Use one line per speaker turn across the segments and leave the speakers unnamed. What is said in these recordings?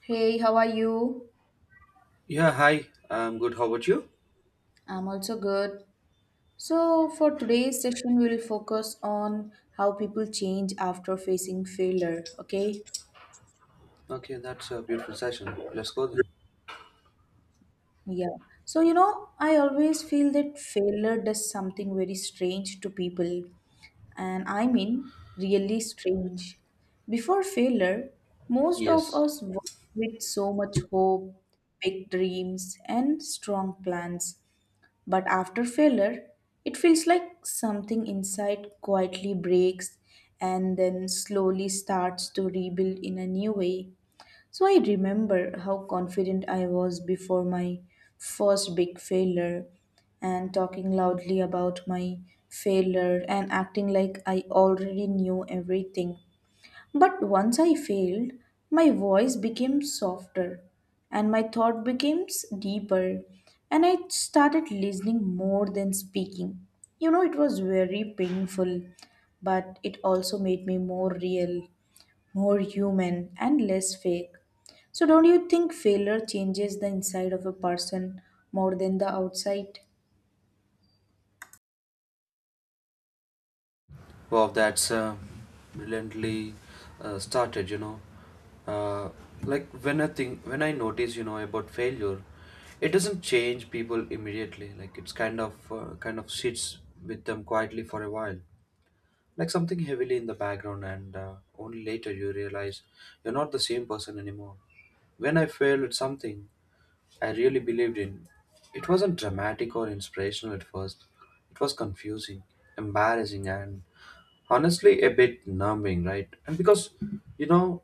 Hey, how are you?
Yeah, hi. I'm good. How about you?
I'm also good. So, for today's session, we will focus on how people change after facing failure. Okay.
Okay, that's a beautiful session. Let's go then.
Yeah. So, you know, I always feel that failure does something very strange to people. And I mean, really strange. Before failure, most of
Yes.
us work with so much hope, big dreams, and strong plans. But after failure, it feels like something inside quietly breaks and then slowly starts to rebuild in a new way. So I remember how confident I was before my first big failure and talking loudly about my failure and acting like I already knew everything. But once I failed, my voice became softer and my thought became deeper, and I started listening more than speaking. You know, it was very painful, but it also made me more real, more human, and less fake. So, don't you think failure changes the inside of a person more than the outside?
Wow, that's brilliantly started. Uh, like when I notice, about failure, it doesn't change people immediately. Like it's kind of sits with them quietly for a while, like something heavily in the background, and only later you realize you're not the same person anymore. When I failed at something. I really believed in. It wasn't dramatic or inspirational at first. It was confusing, embarrassing, and honestly a bit numbing, right? And because, you know,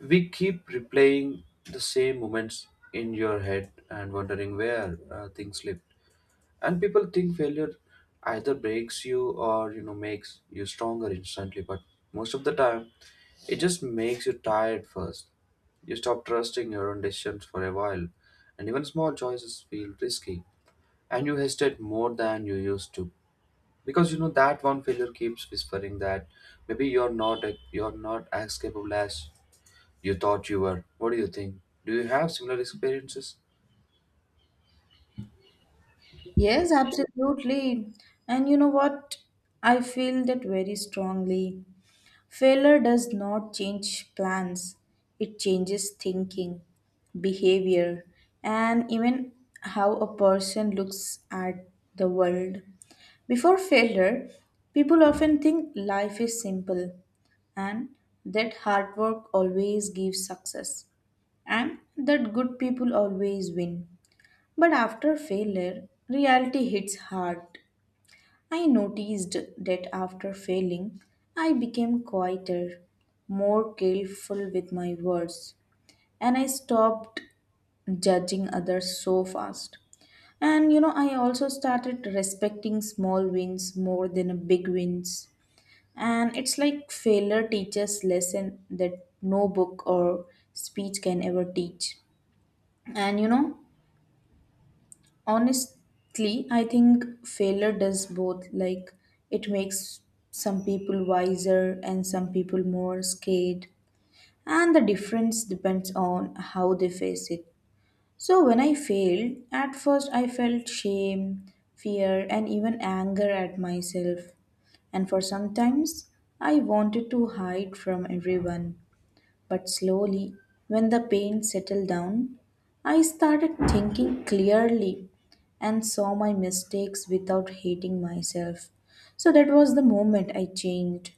we keep replaying the same moments in your head and wondering where things slip, and people think failure either breaks you or, you know, makes you stronger instantly, but most of the time it just makes you tired first. You stop trusting your own decisions for a while, and even small choices feel risky, and you hesitate more than you used to, because you know that one failure keeps whispering that maybe you're not as capable as you thought you were. What do you think? Do you have similar experiences?
Yes, absolutely. And you know what? I feel that very strongly. Failure does not change plans, it changes thinking, behavior, and even how a person looks at the world. Before failure, people often think life is simple and that hard work always gives success and that good people always win. But after failure, reality hits hard. I noticed that after failing, I became quieter, more careful with my words, and I stopped judging others so fast. And you know, I also started respecting small wins more than big wins. And it's like failure teaches lesson that no book or speech can ever teach. And you know, honestly, I think failure does both. Like, it makes some people wiser and some people more scared. And the difference depends on how they face it. So, when I failed, at first I felt shame, fear, and even anger at myself. And for sometimes, I wanted to hide from everyone. But slowly, when the pain settled down, I started thinking clearly and saw my mistakes without hating myself. So that was the moment I changed.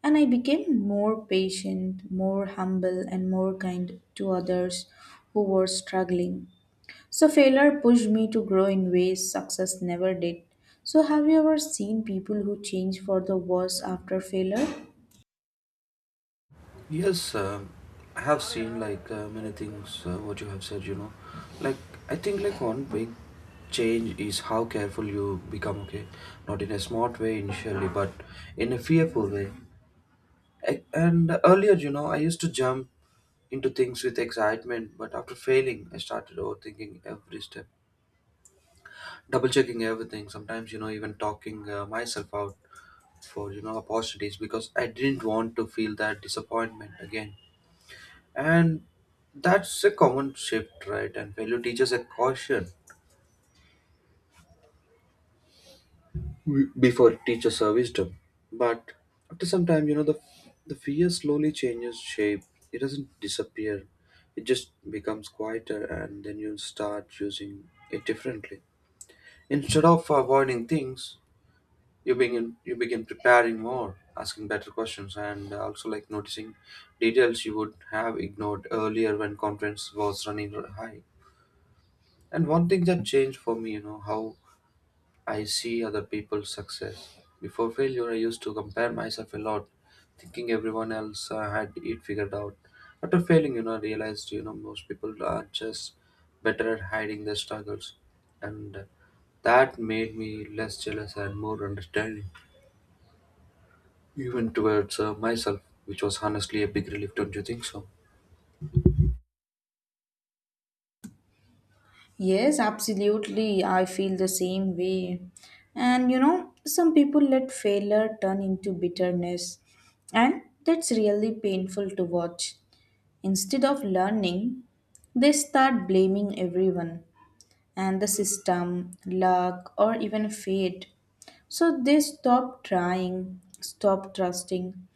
And I became more patient, more humble, and more kind to others who were struggling. So, failure pushed me to grow in ways success never did. So, have you ever seen people who change for the worse after failure?
Yes, I have seen like many things what you have said, you know. Like I think like one big change is how careful you become, okay? Not in a smart way initially, but in a fearful way. And earlier, you know, I used to jump into things with excitement, but after failing, I started overthinking every step, double checking everything, sometimes, you know, even talking myself out for, you know, opportunities because I didn't want to feel that disappointment again. And that's a common shift, right? And failure teaches a caution before it teaches a wisdom. But after some time, you know, the fear slowly changes shape. It doesn't disappear, it just becomes quieter, and then you start using it differently. Instead of avoiding things, you begin preparing more, asking better questions, and also like noticing details you would have ignored earlier when confidence was running high. And one thing that changed for me, you know, how I see other people's success. Before failure, I used to compare myself a lot, thinking everyone else had it figured out. After failing, you know, I realized, you know, most people are just better at hiding their struggles. And that made me less jealous and more understanding, even towards myself, which was honestly a big relief, don't you think so?
Yes, absolutely. I feel the same way. And you know, some people let failure turn into bitterness, and that's really painful to watch. Instead of learning, they start blaming everyone and the system, luck, or even fate. So they stop trying, stop trusting,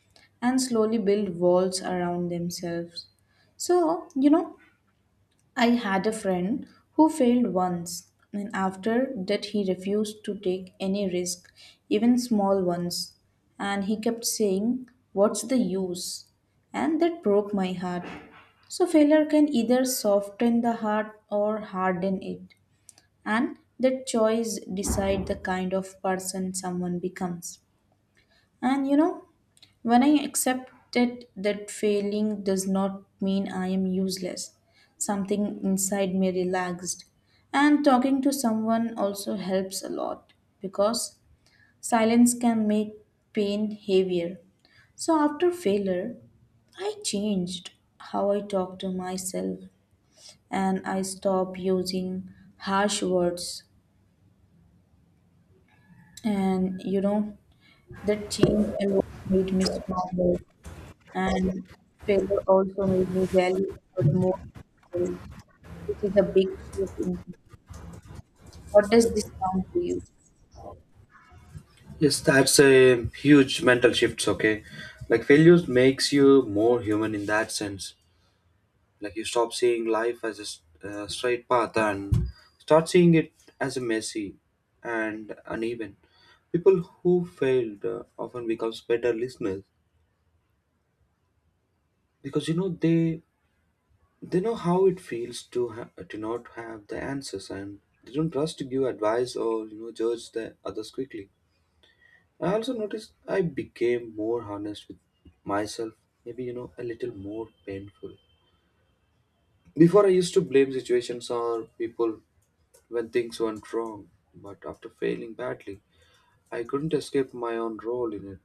and slowly build walls around themselves. So, you know, I had a friend who failed once, and after that, he refused to take any risk, even small ones. And he kept saying, "What's the use?" And that broke my heart. So, failure can either soften the heart or harden it. And that choice decide the kind of person someone becomes. And you know, when I accepted that failing does not mean I am useless, something inside me relaxed. And talking to someone also helps a lot because silence can make pain heavier. So after failure, I changed how I talk to myself and I stopped using harsh words. And you know, that change alone made me stronger. And failure also made me value effort more, than results, which is a big shift in thinking. What does this sound to you?
Yes, that's a huge mental shift, okay? Like failures makes you more human in that sense, like you stop seeing life as a straight path and start seeing it as a messy and uneven. People who failed often becomes better listeners because you know they know how it feels to to not have the answers, and they don't trust to give advice or, you know, judge the others quickly. I also noticed I became more honest with myself, maybe you know a little more painful. Before, I used to blame situations or people when things went wrong, but after failing badly, I couldn't escape my own role in it.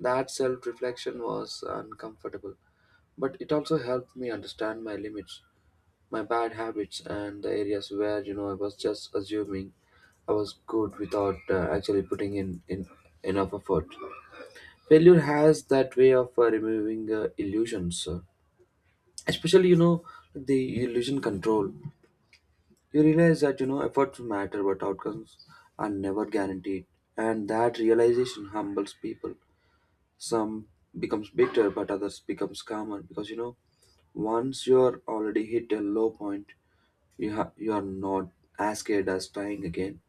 That self reflection was uncomfortable, but it also helped me understand my limits, my bad habits, and the areas where you know I was just assuming I was good without actually putting in enough effort. Failure has that way of removing illusions, especially you know the illusion control. You realize that you know efforts matter, but outcomes are never guaranteed, and that realization humbles people. Some becomes bitter, but others becomes calmer because you know once you are already hit a low point, you are not as scared as trying again,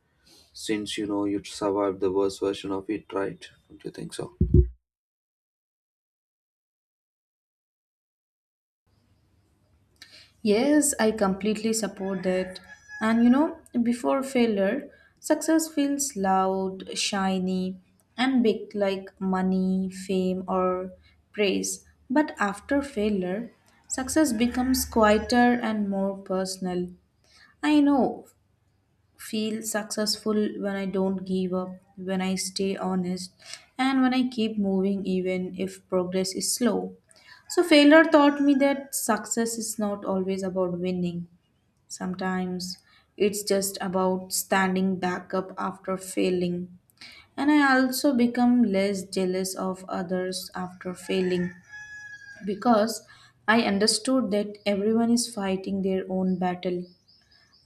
since you know you survived the worst version of it, right? Don't you think so?
Yes, I completely support that. And you know, before failure, success feels loud, shiny, and big like money, fame, or praise. But after failure, success becomes quieter and more personal. I know feel successful when I don't give up, when I stay honest, and when I keep moving even if progress is slow. So, failure taught me that success is not always about winning. Sometimes it's just about standing back up after failing. And I also become less jealous of others after failing because I understood that everyone is fighting their own battle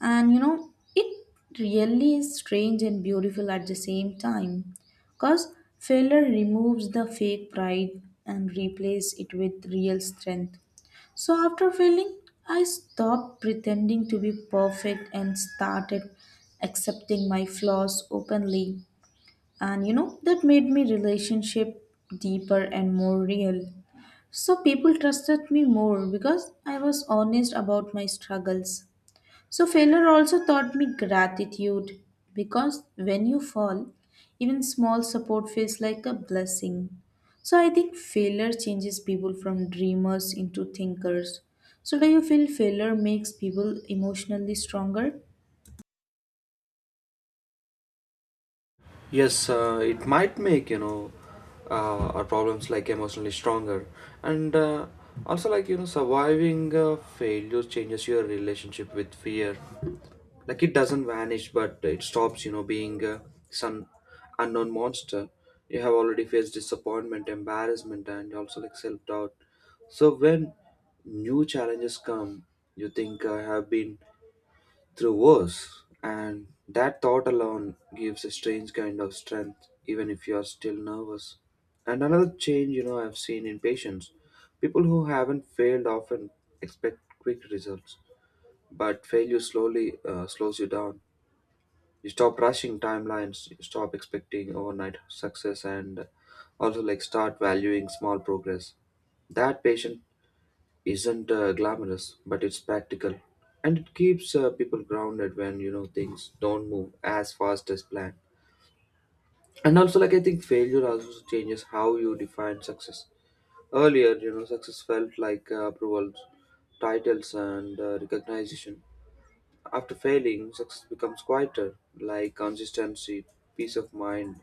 and you know, it really is strange and beautiful at the same time because failure removes the fake pride and replaces it with real strength. So after failing, I stopped pretending to be perfect and started accepting my flaws openly. And you know, that made me relationship deeper and more real. So people trusted me more because I was honest about my struggles. So, failure also taught me gratitude because when you fall, even small support feels like a blessing. So, I think failure changes people from dreamers into thinkers. So, do you feel failure makes people emotionally stronger?
Yes, it might make you know our problems like emotionally stronger, and also like you know surviving failure changes your relationship with fear. Like it doesn't vanish, but it stops you know being some unknown monster. You have already faced disappointment, embarrassment, and also like self doubt. So when new challenges come, you think I have been through worse. And that thought alone gives a strange kind of strength, even if you are still nervous. And another change, you know, I've seen in patients, people who haven't failed often expect quick results, but failure slowly slows you down. You stop rushing timelines, you stop expecting overnight success, and also like start valuing small progress. That patient isn't glamorous, but it's practical, and it keeps people grounded when you know things don't move as fast as planned. And also, like I think failure also changes how you define success. Earlier, you know, success felt like approvals, titles, and recognition. After failing, success becomes quieter, like consistency, peace of mind,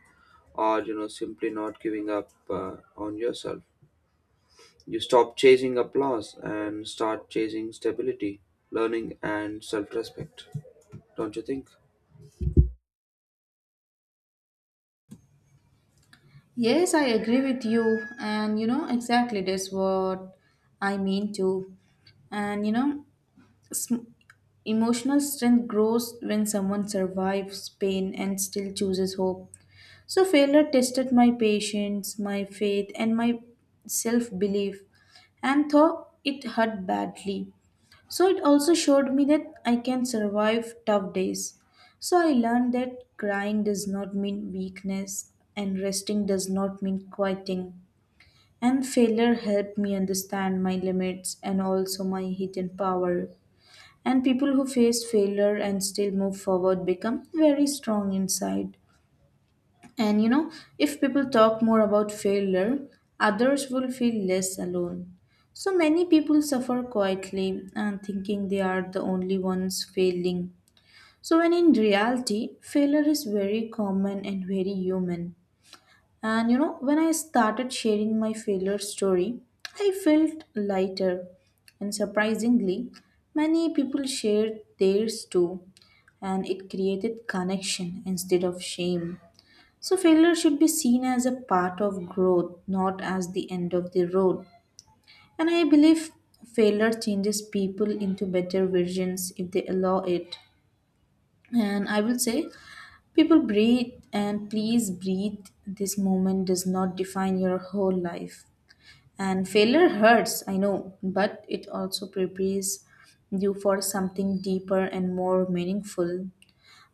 or you know, simply not giving up on yourself. You stop chasing applause and start chasing stability, learning, and self respect. Don't you think?
Yes, I agree with you. And you know, exactly that's what I mean too. And you know, emotional strength grows when someone survives pain and still chooses hope. So, failure tested my patience, my faith, and my self belief, and though it hurt badly. So, it also showed me that I can survive tough days. So, I learned that crying does not mean weakness, and resting does not mean quieting. And failure helped me understand my limits and also my hidden power. And people who faced failure and still move forward become very strong inside. And you know, if people talk more about failure, others will feel less alone. So many people suffer quietly and thinking they are the only ones failing. So, when in reality, failure is very common and very human. And you know, when I started sharing my failure story, I felt lighter. And surprisingly, many people shared theirs too. And it created connection instead of shame. So, failure should be seen as a part of growth, not as the end of the road. And I believe failure changes people into better versions if they allow it. And I will say, people breathe and please breathe. This moment does not define your whole life. And failure hurts, I know, but it also prepares you for something deeper and more meaningful.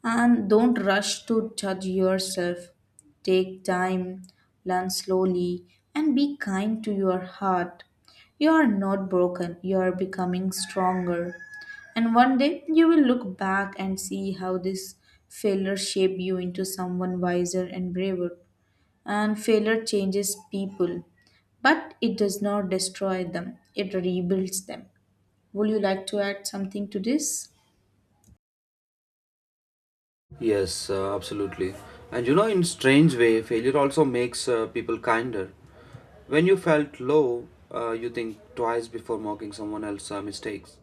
And don't rush to judge yourself. Take time, learn slowly, and be kind to your heart. You are not broken, you are becoming stronger. And one day you will look back and see how this failure shaped you into someone wiser and braver. And failure changes people, but it does not destroy them, it rebuilds them. Would you like to add something to this?
Yes, absolutely. And you know, in strange way, failure also makes people kinder. When you felt low, you think twice before mocking someone else's mistakes.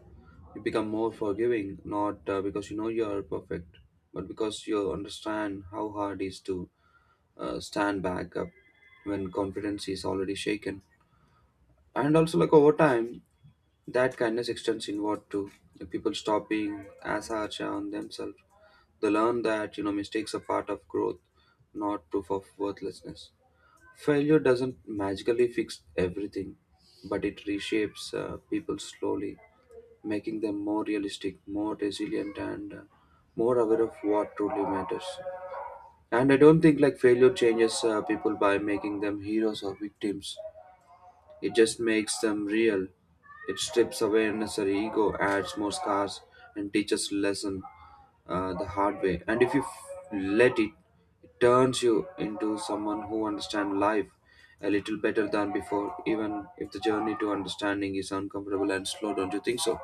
You become more forgiving, not because you know you are perfect, but because you understand how hard it is to stand back up when confidence is already shaken. And also, like over time, that kindness extends inward too. The people stop being as harsh on themselves. They learn that you know mistakes are part of growth, not proof of worthlessness. Failure doesn't magically fix everything, but it reshapes people slowly, making them more realistic, more resilient, and more aware of what truly matters. And I don't think like failure changes people by making them heroes or victims. It just makes them real. It strips away unnecessary ego, adds more scars, and teaches lesson the hard way. And if you let it, it turns you into someone who understands life a little better than before, even if the journey to understanding is uncomfortable and slow. Don't you think so?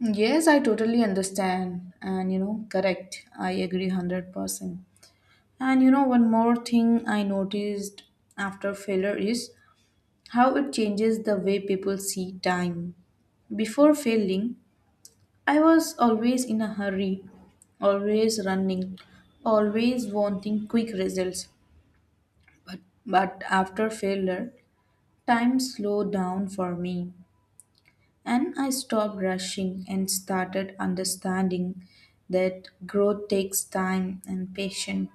Yes, I totally understand. And you know, correct. I agree 100%. And you know, one more thing I noticed after failure is how it changes the way people see time. Before failing, I was always in a hurry, always running, always wanting quick results. But after failure, time slowed down for me. And I stopped rushing and started understanding that growth takes time and patience.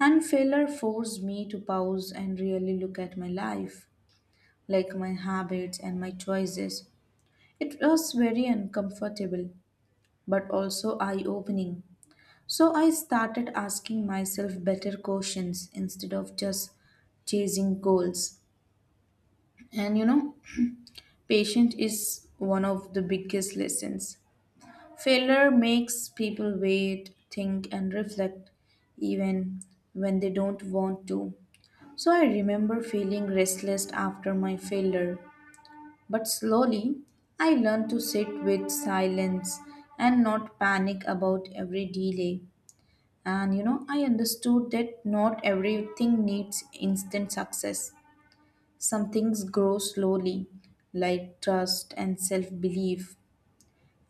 And failure forced me to pause and really look at my life, like my habits and my choices. It was very uncomfortable, but also eye opening. So I started asking myself better questions instead of just chasing goals. And you know, patience is one of the biggest lessons. Failure makes people wait, think, and reflect, even when they don't want to. So I remember feeling restless after my failure, but slowly I learned to sit with silence and not panic about every delay. And you know, I understood that not everything needs instant success. Some things grow slowly, like trust and self belief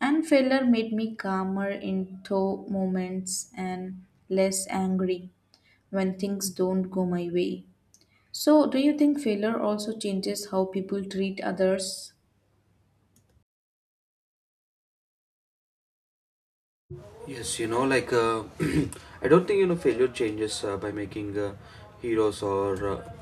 and failure made me calmer in tough moments and less angry when things don't go my way. So, do you think failure also changes how people treat others?
Yes, you know, like I don't think you know failure changes by making heroes or uh,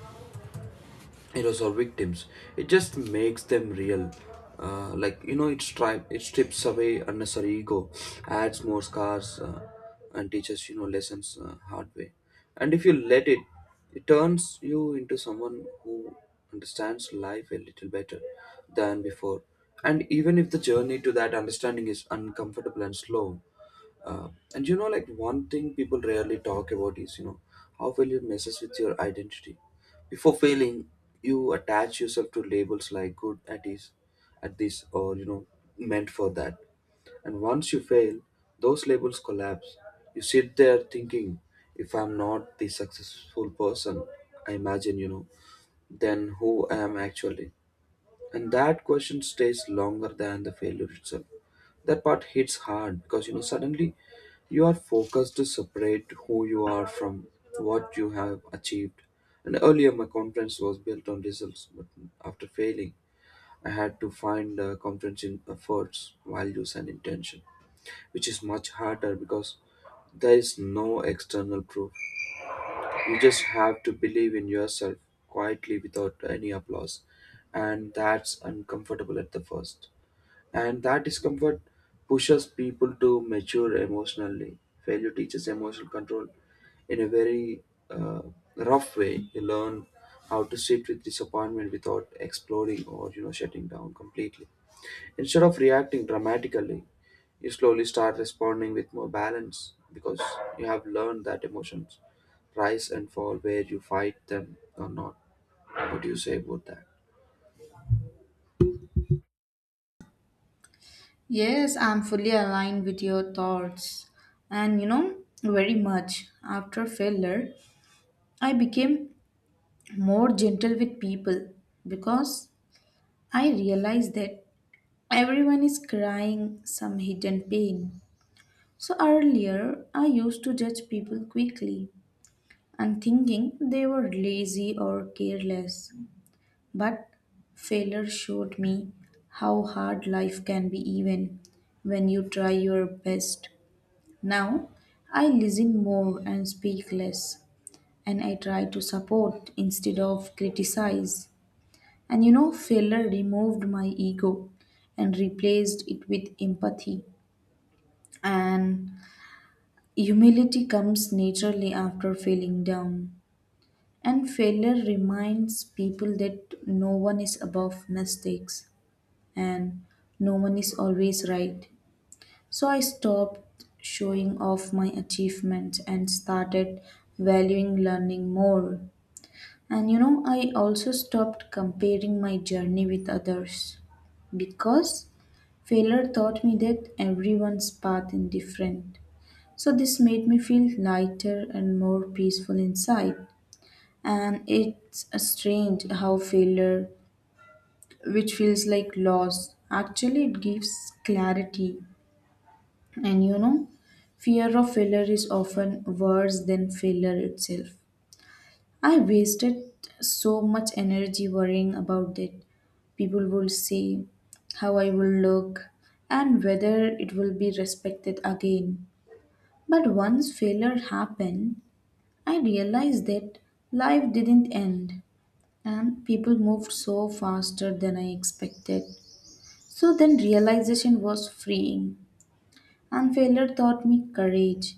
heroes or victims. It just makes them real, like you know it, it strips away unnecessary ego, adds more scars, and teaches you know lessons hard way, and if you let it, it turns you into someone who understands life a little better than before, and even if the journey to that understanding is uncomfortable and slow. uh, and you know, like one thing people rarely talk about is, you know, how failure messes with your identity. Before failing, you attach yourself to labels like good at this, or you know, meant for that. And once you fail, those labels collapse. You sit there thinking, if I'm not the successful person I imagine, you know, then who I am actually, and that question stays longer than the failure itself. That part hits hard because you know suddenly you are focused to separate who you are from what you have achieved. And earlier my conference was built on results, but after failing, I had to find a conference in efforts, values, and intention, which is much harder because there is no external proof. You just have to believe in yourself quietly without any applause. And that's uncomfortable at the first. And that discomfort pushes people to mature emotionally. Failure teaches emotional control in a very uh, rough way. You learn how to sit with disappointment without exploding or you know shutting down completely. Instead of reacting dramatically, you slowly start responding with more balance because you have learned that emotions rise and fall where you fight them or not. What do you say about that?
Yes, I'm fully aligned with your thoughts. And you know, very much after failure, I became more gentle with people because I realized that everyone is crying some hidden pain. So earlier, I used to judge people quickly and thinking they were lazy or careless. But failure showed me how hard life can be, even when you try your best. Now, I listen more and speak less, and I try to support instead of criticize. And you know, failure removed my ego and replaced it with empathy. And humility comes naturally after feeling down, and failure reminds people that no one is above mistakes and no one is always right. So I stopped showing off my achievements and started valuing learning more. And you know, I also stopped comparing my journey with others because failure taught me that everyone's path is different, so this made me feel lighter and more peaceful inside. And it's strange how failure, which feels like loss, actually it gives clarity. And you know, fear of failure is often worse than failure itself. I wasted so much energy worrying about it. People will say how I will look and whether it will be respected again. But once failure happened, I realized that life didn't end and people moved so faster than I expected. So then realization was freeing and failure taught me courage.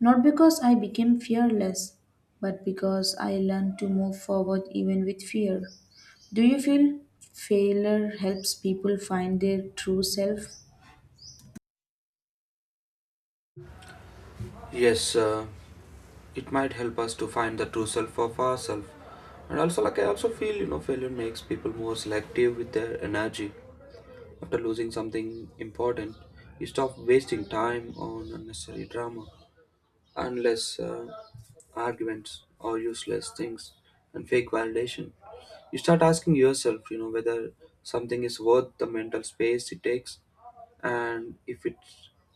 Not because I became fearless, but because I learned to move forward even with fear. Do you feel failure helps people find their true self?
Yes, it might help us to find the true self of ourselves. And also, like I also feel, you know, failure makes people more selective with their energy. After losing something important, you stop wasting time on unnecessary drama, unless arguments or useless things and fake validation. You start asking yourself, you know, whether something is worth the mental space it takes, and if it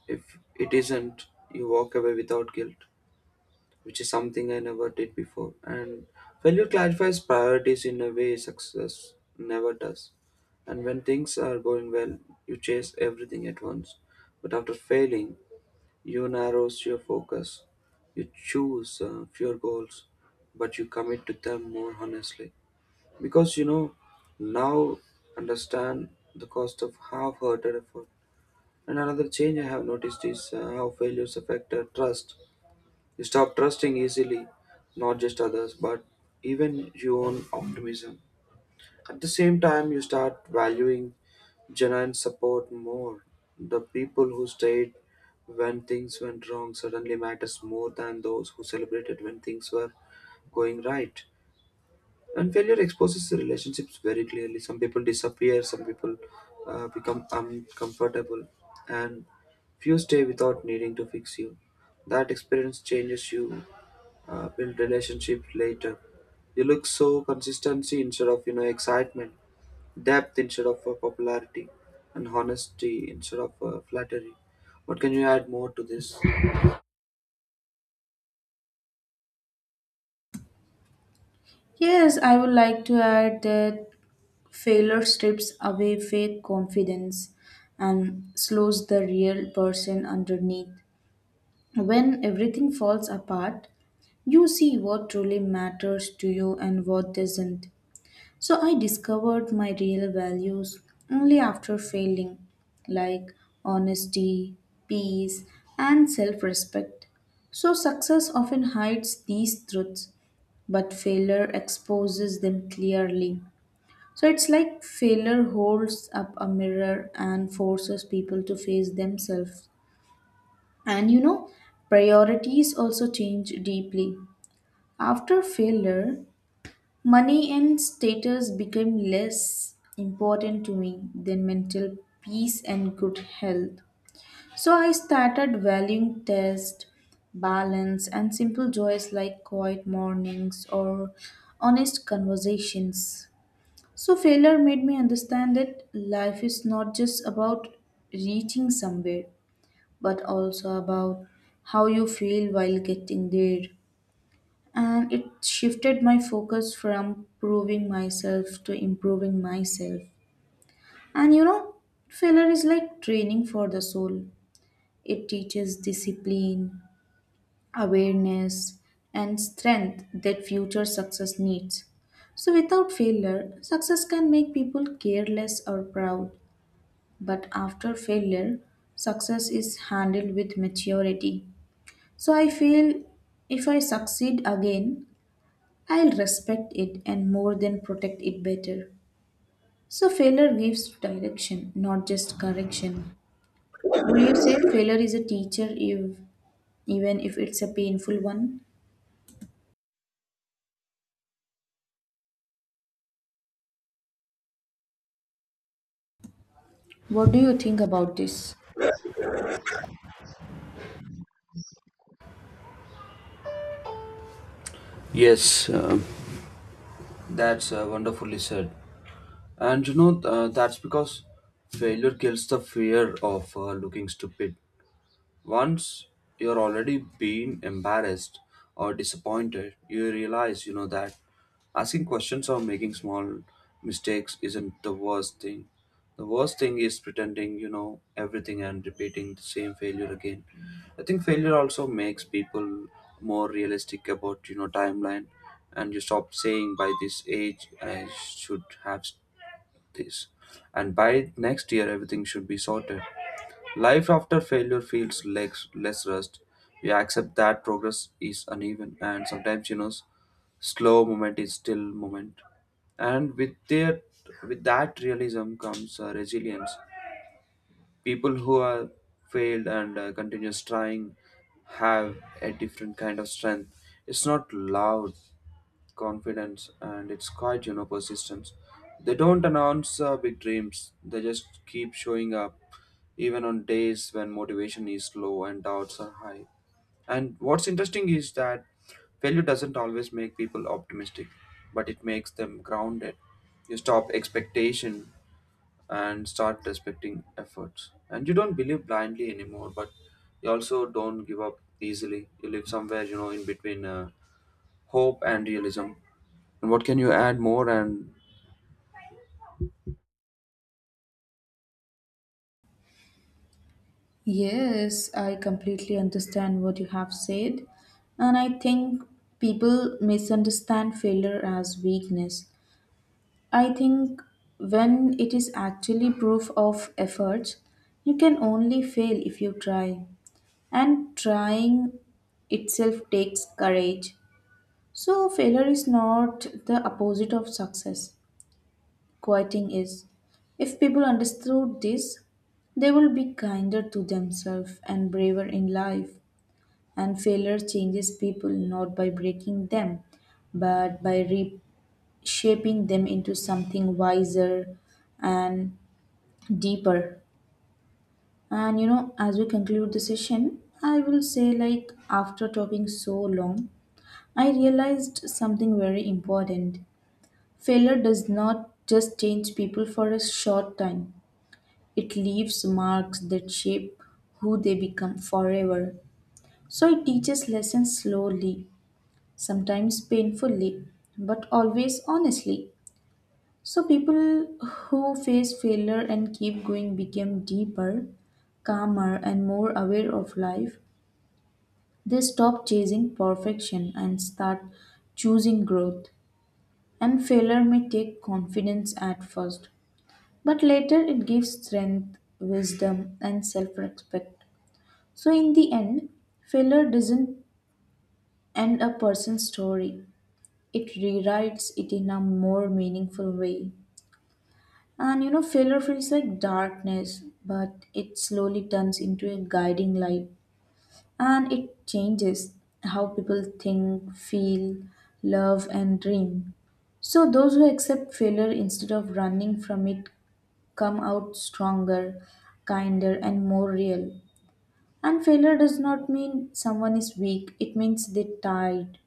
if it isn't, you walk away without guilt, which is something I never did before. And failure clarifies priorities in a way success never does. And when things are going well, you chase everything at once. But after failing, you narrow your focus, you choose fewer goals, but you commit to them more honestly. Because you know, now understand the cost of half hearted effort. And another change I have noticed is how failures affect trust. You stop trusting easily, not just others, but even your own optimism. At the same time, you start valuing genuine support more. The people who stayed when things went wrong suddenly matters more than those who celebrated when things were going right. And failure exposes the relationships very clearly. Some people disappear, some people become uncomfortable, and few stay without needing to fix you. That experience changes you, build relationship later. You look so consistency instead of you know excitement, depth instead of popularity, and honesty instead of flattery. What can you add more to this?
Yes, I would like to add that failure strips away fake confidence and slows the real person underneath. When everything falls apart, you see what truly matters to you and what doesn't. So I discovered my real values only after failing, like honesty, peace, and self respect. So success often hides these truths, but failure exposes them clearly. So it's like failure holds up a mirror and forces people to face themselves. And you know, priorities also change deeply. After failure, money and status become less important to me than mental peace and good health. So I started valuing test, balance, and simple joys like quiet mornings or honest conversations. So, failure made me understand that life is not just about reaching somewhere, but also about how you feel while getting there. And it shifted my focus from proving myself to improving myself. And you know, failure is like training for the soul, it teaches discipline, awareness, and strength that future success needs. So, without failure, success can make people careless or proud, but after failure, success is handled with maturity. So I feel if I succeed again, I'll respect it and more than protect it better. So failure gives direction, not just correction. Would you say failure is a teacher if even if it's a painful one? What do you think about this?
Yes, that's wonderfully said. And you know, that's because failure kills the fear of looking stupid. Once you're already being embarrassed or disappointed, you realize, you know, that asking questions or making small mistakes isn't the worst thing. The worst thing is pretending you know everything and repeating the same failure again. I think failure also makes people more realistic about you know timeline, and you stop saying by this age I should have this, and by next year everything should be sorted. Life after failure feels less rust. We accept that progress is uneven and sometimes, you know, slow moment is still moment. And with that realism comes resilience. People who are failed and continuous trying have a different kind of strength. It's not loud confidence, and it's quite you know persistence. They don't announce big dreams, they just keep showing up even on days when motivation is low and doubts are high. And what's interesting is that failure doesn't always make people optimistic, but it makes them grounded. You stop expectation and start respecting efforts, and you don't believe blindly anymore, but you also don't give up easily. You live somewhere you know in between hope and realism. And what can you add more? And
Yes, I completely understand what you have said. And I think people misunderstand failure as weakness. I think when it is actually proof of efforts, you can only fail if you try. And trying itself takes courage. So, failure is not the opposite of success, quitting is. If people understood this, they will be kinder to themselves and braver in life. And failure changes people not by breaking them, but by reshaping them into something wiser and deeper. And you know, as we conclude the session, I will say, like, after talking so long, I realized something very important. Failure does not just change people for a short time, it leaves marks that shape who they become forever. So it teaches lessons slowly, sometimes painfully, but always honestly. So people who face failure and keep going become deeper, calmer and more aware of life. They stop chasing perfection and start choosing growth. And failure may take confidence at first, but later it gives strength, wisdom and self-respect. So in the end, failure doesn't end a person's story. It rewrites it in a more meaningful way. And you know, failure feels like darkness, but it slowly turns into a guiding light and it changes how people think, feel, love, and dream. So, those who accept failure instead of running from it come out stronger, kinder, and more real. And failure does not mean someone is weak, it means they tried.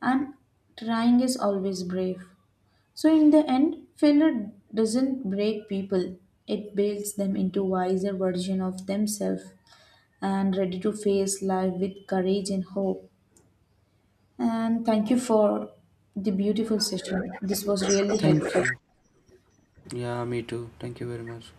And trying is always brave. So, in the end, failure doesn't break people, it builds them into wiser version of themselves and ready to face life with courage and hope. And thank you for the beautiful session. This was really
thank
helpful.
you. Yeah, me too. Thank you very much.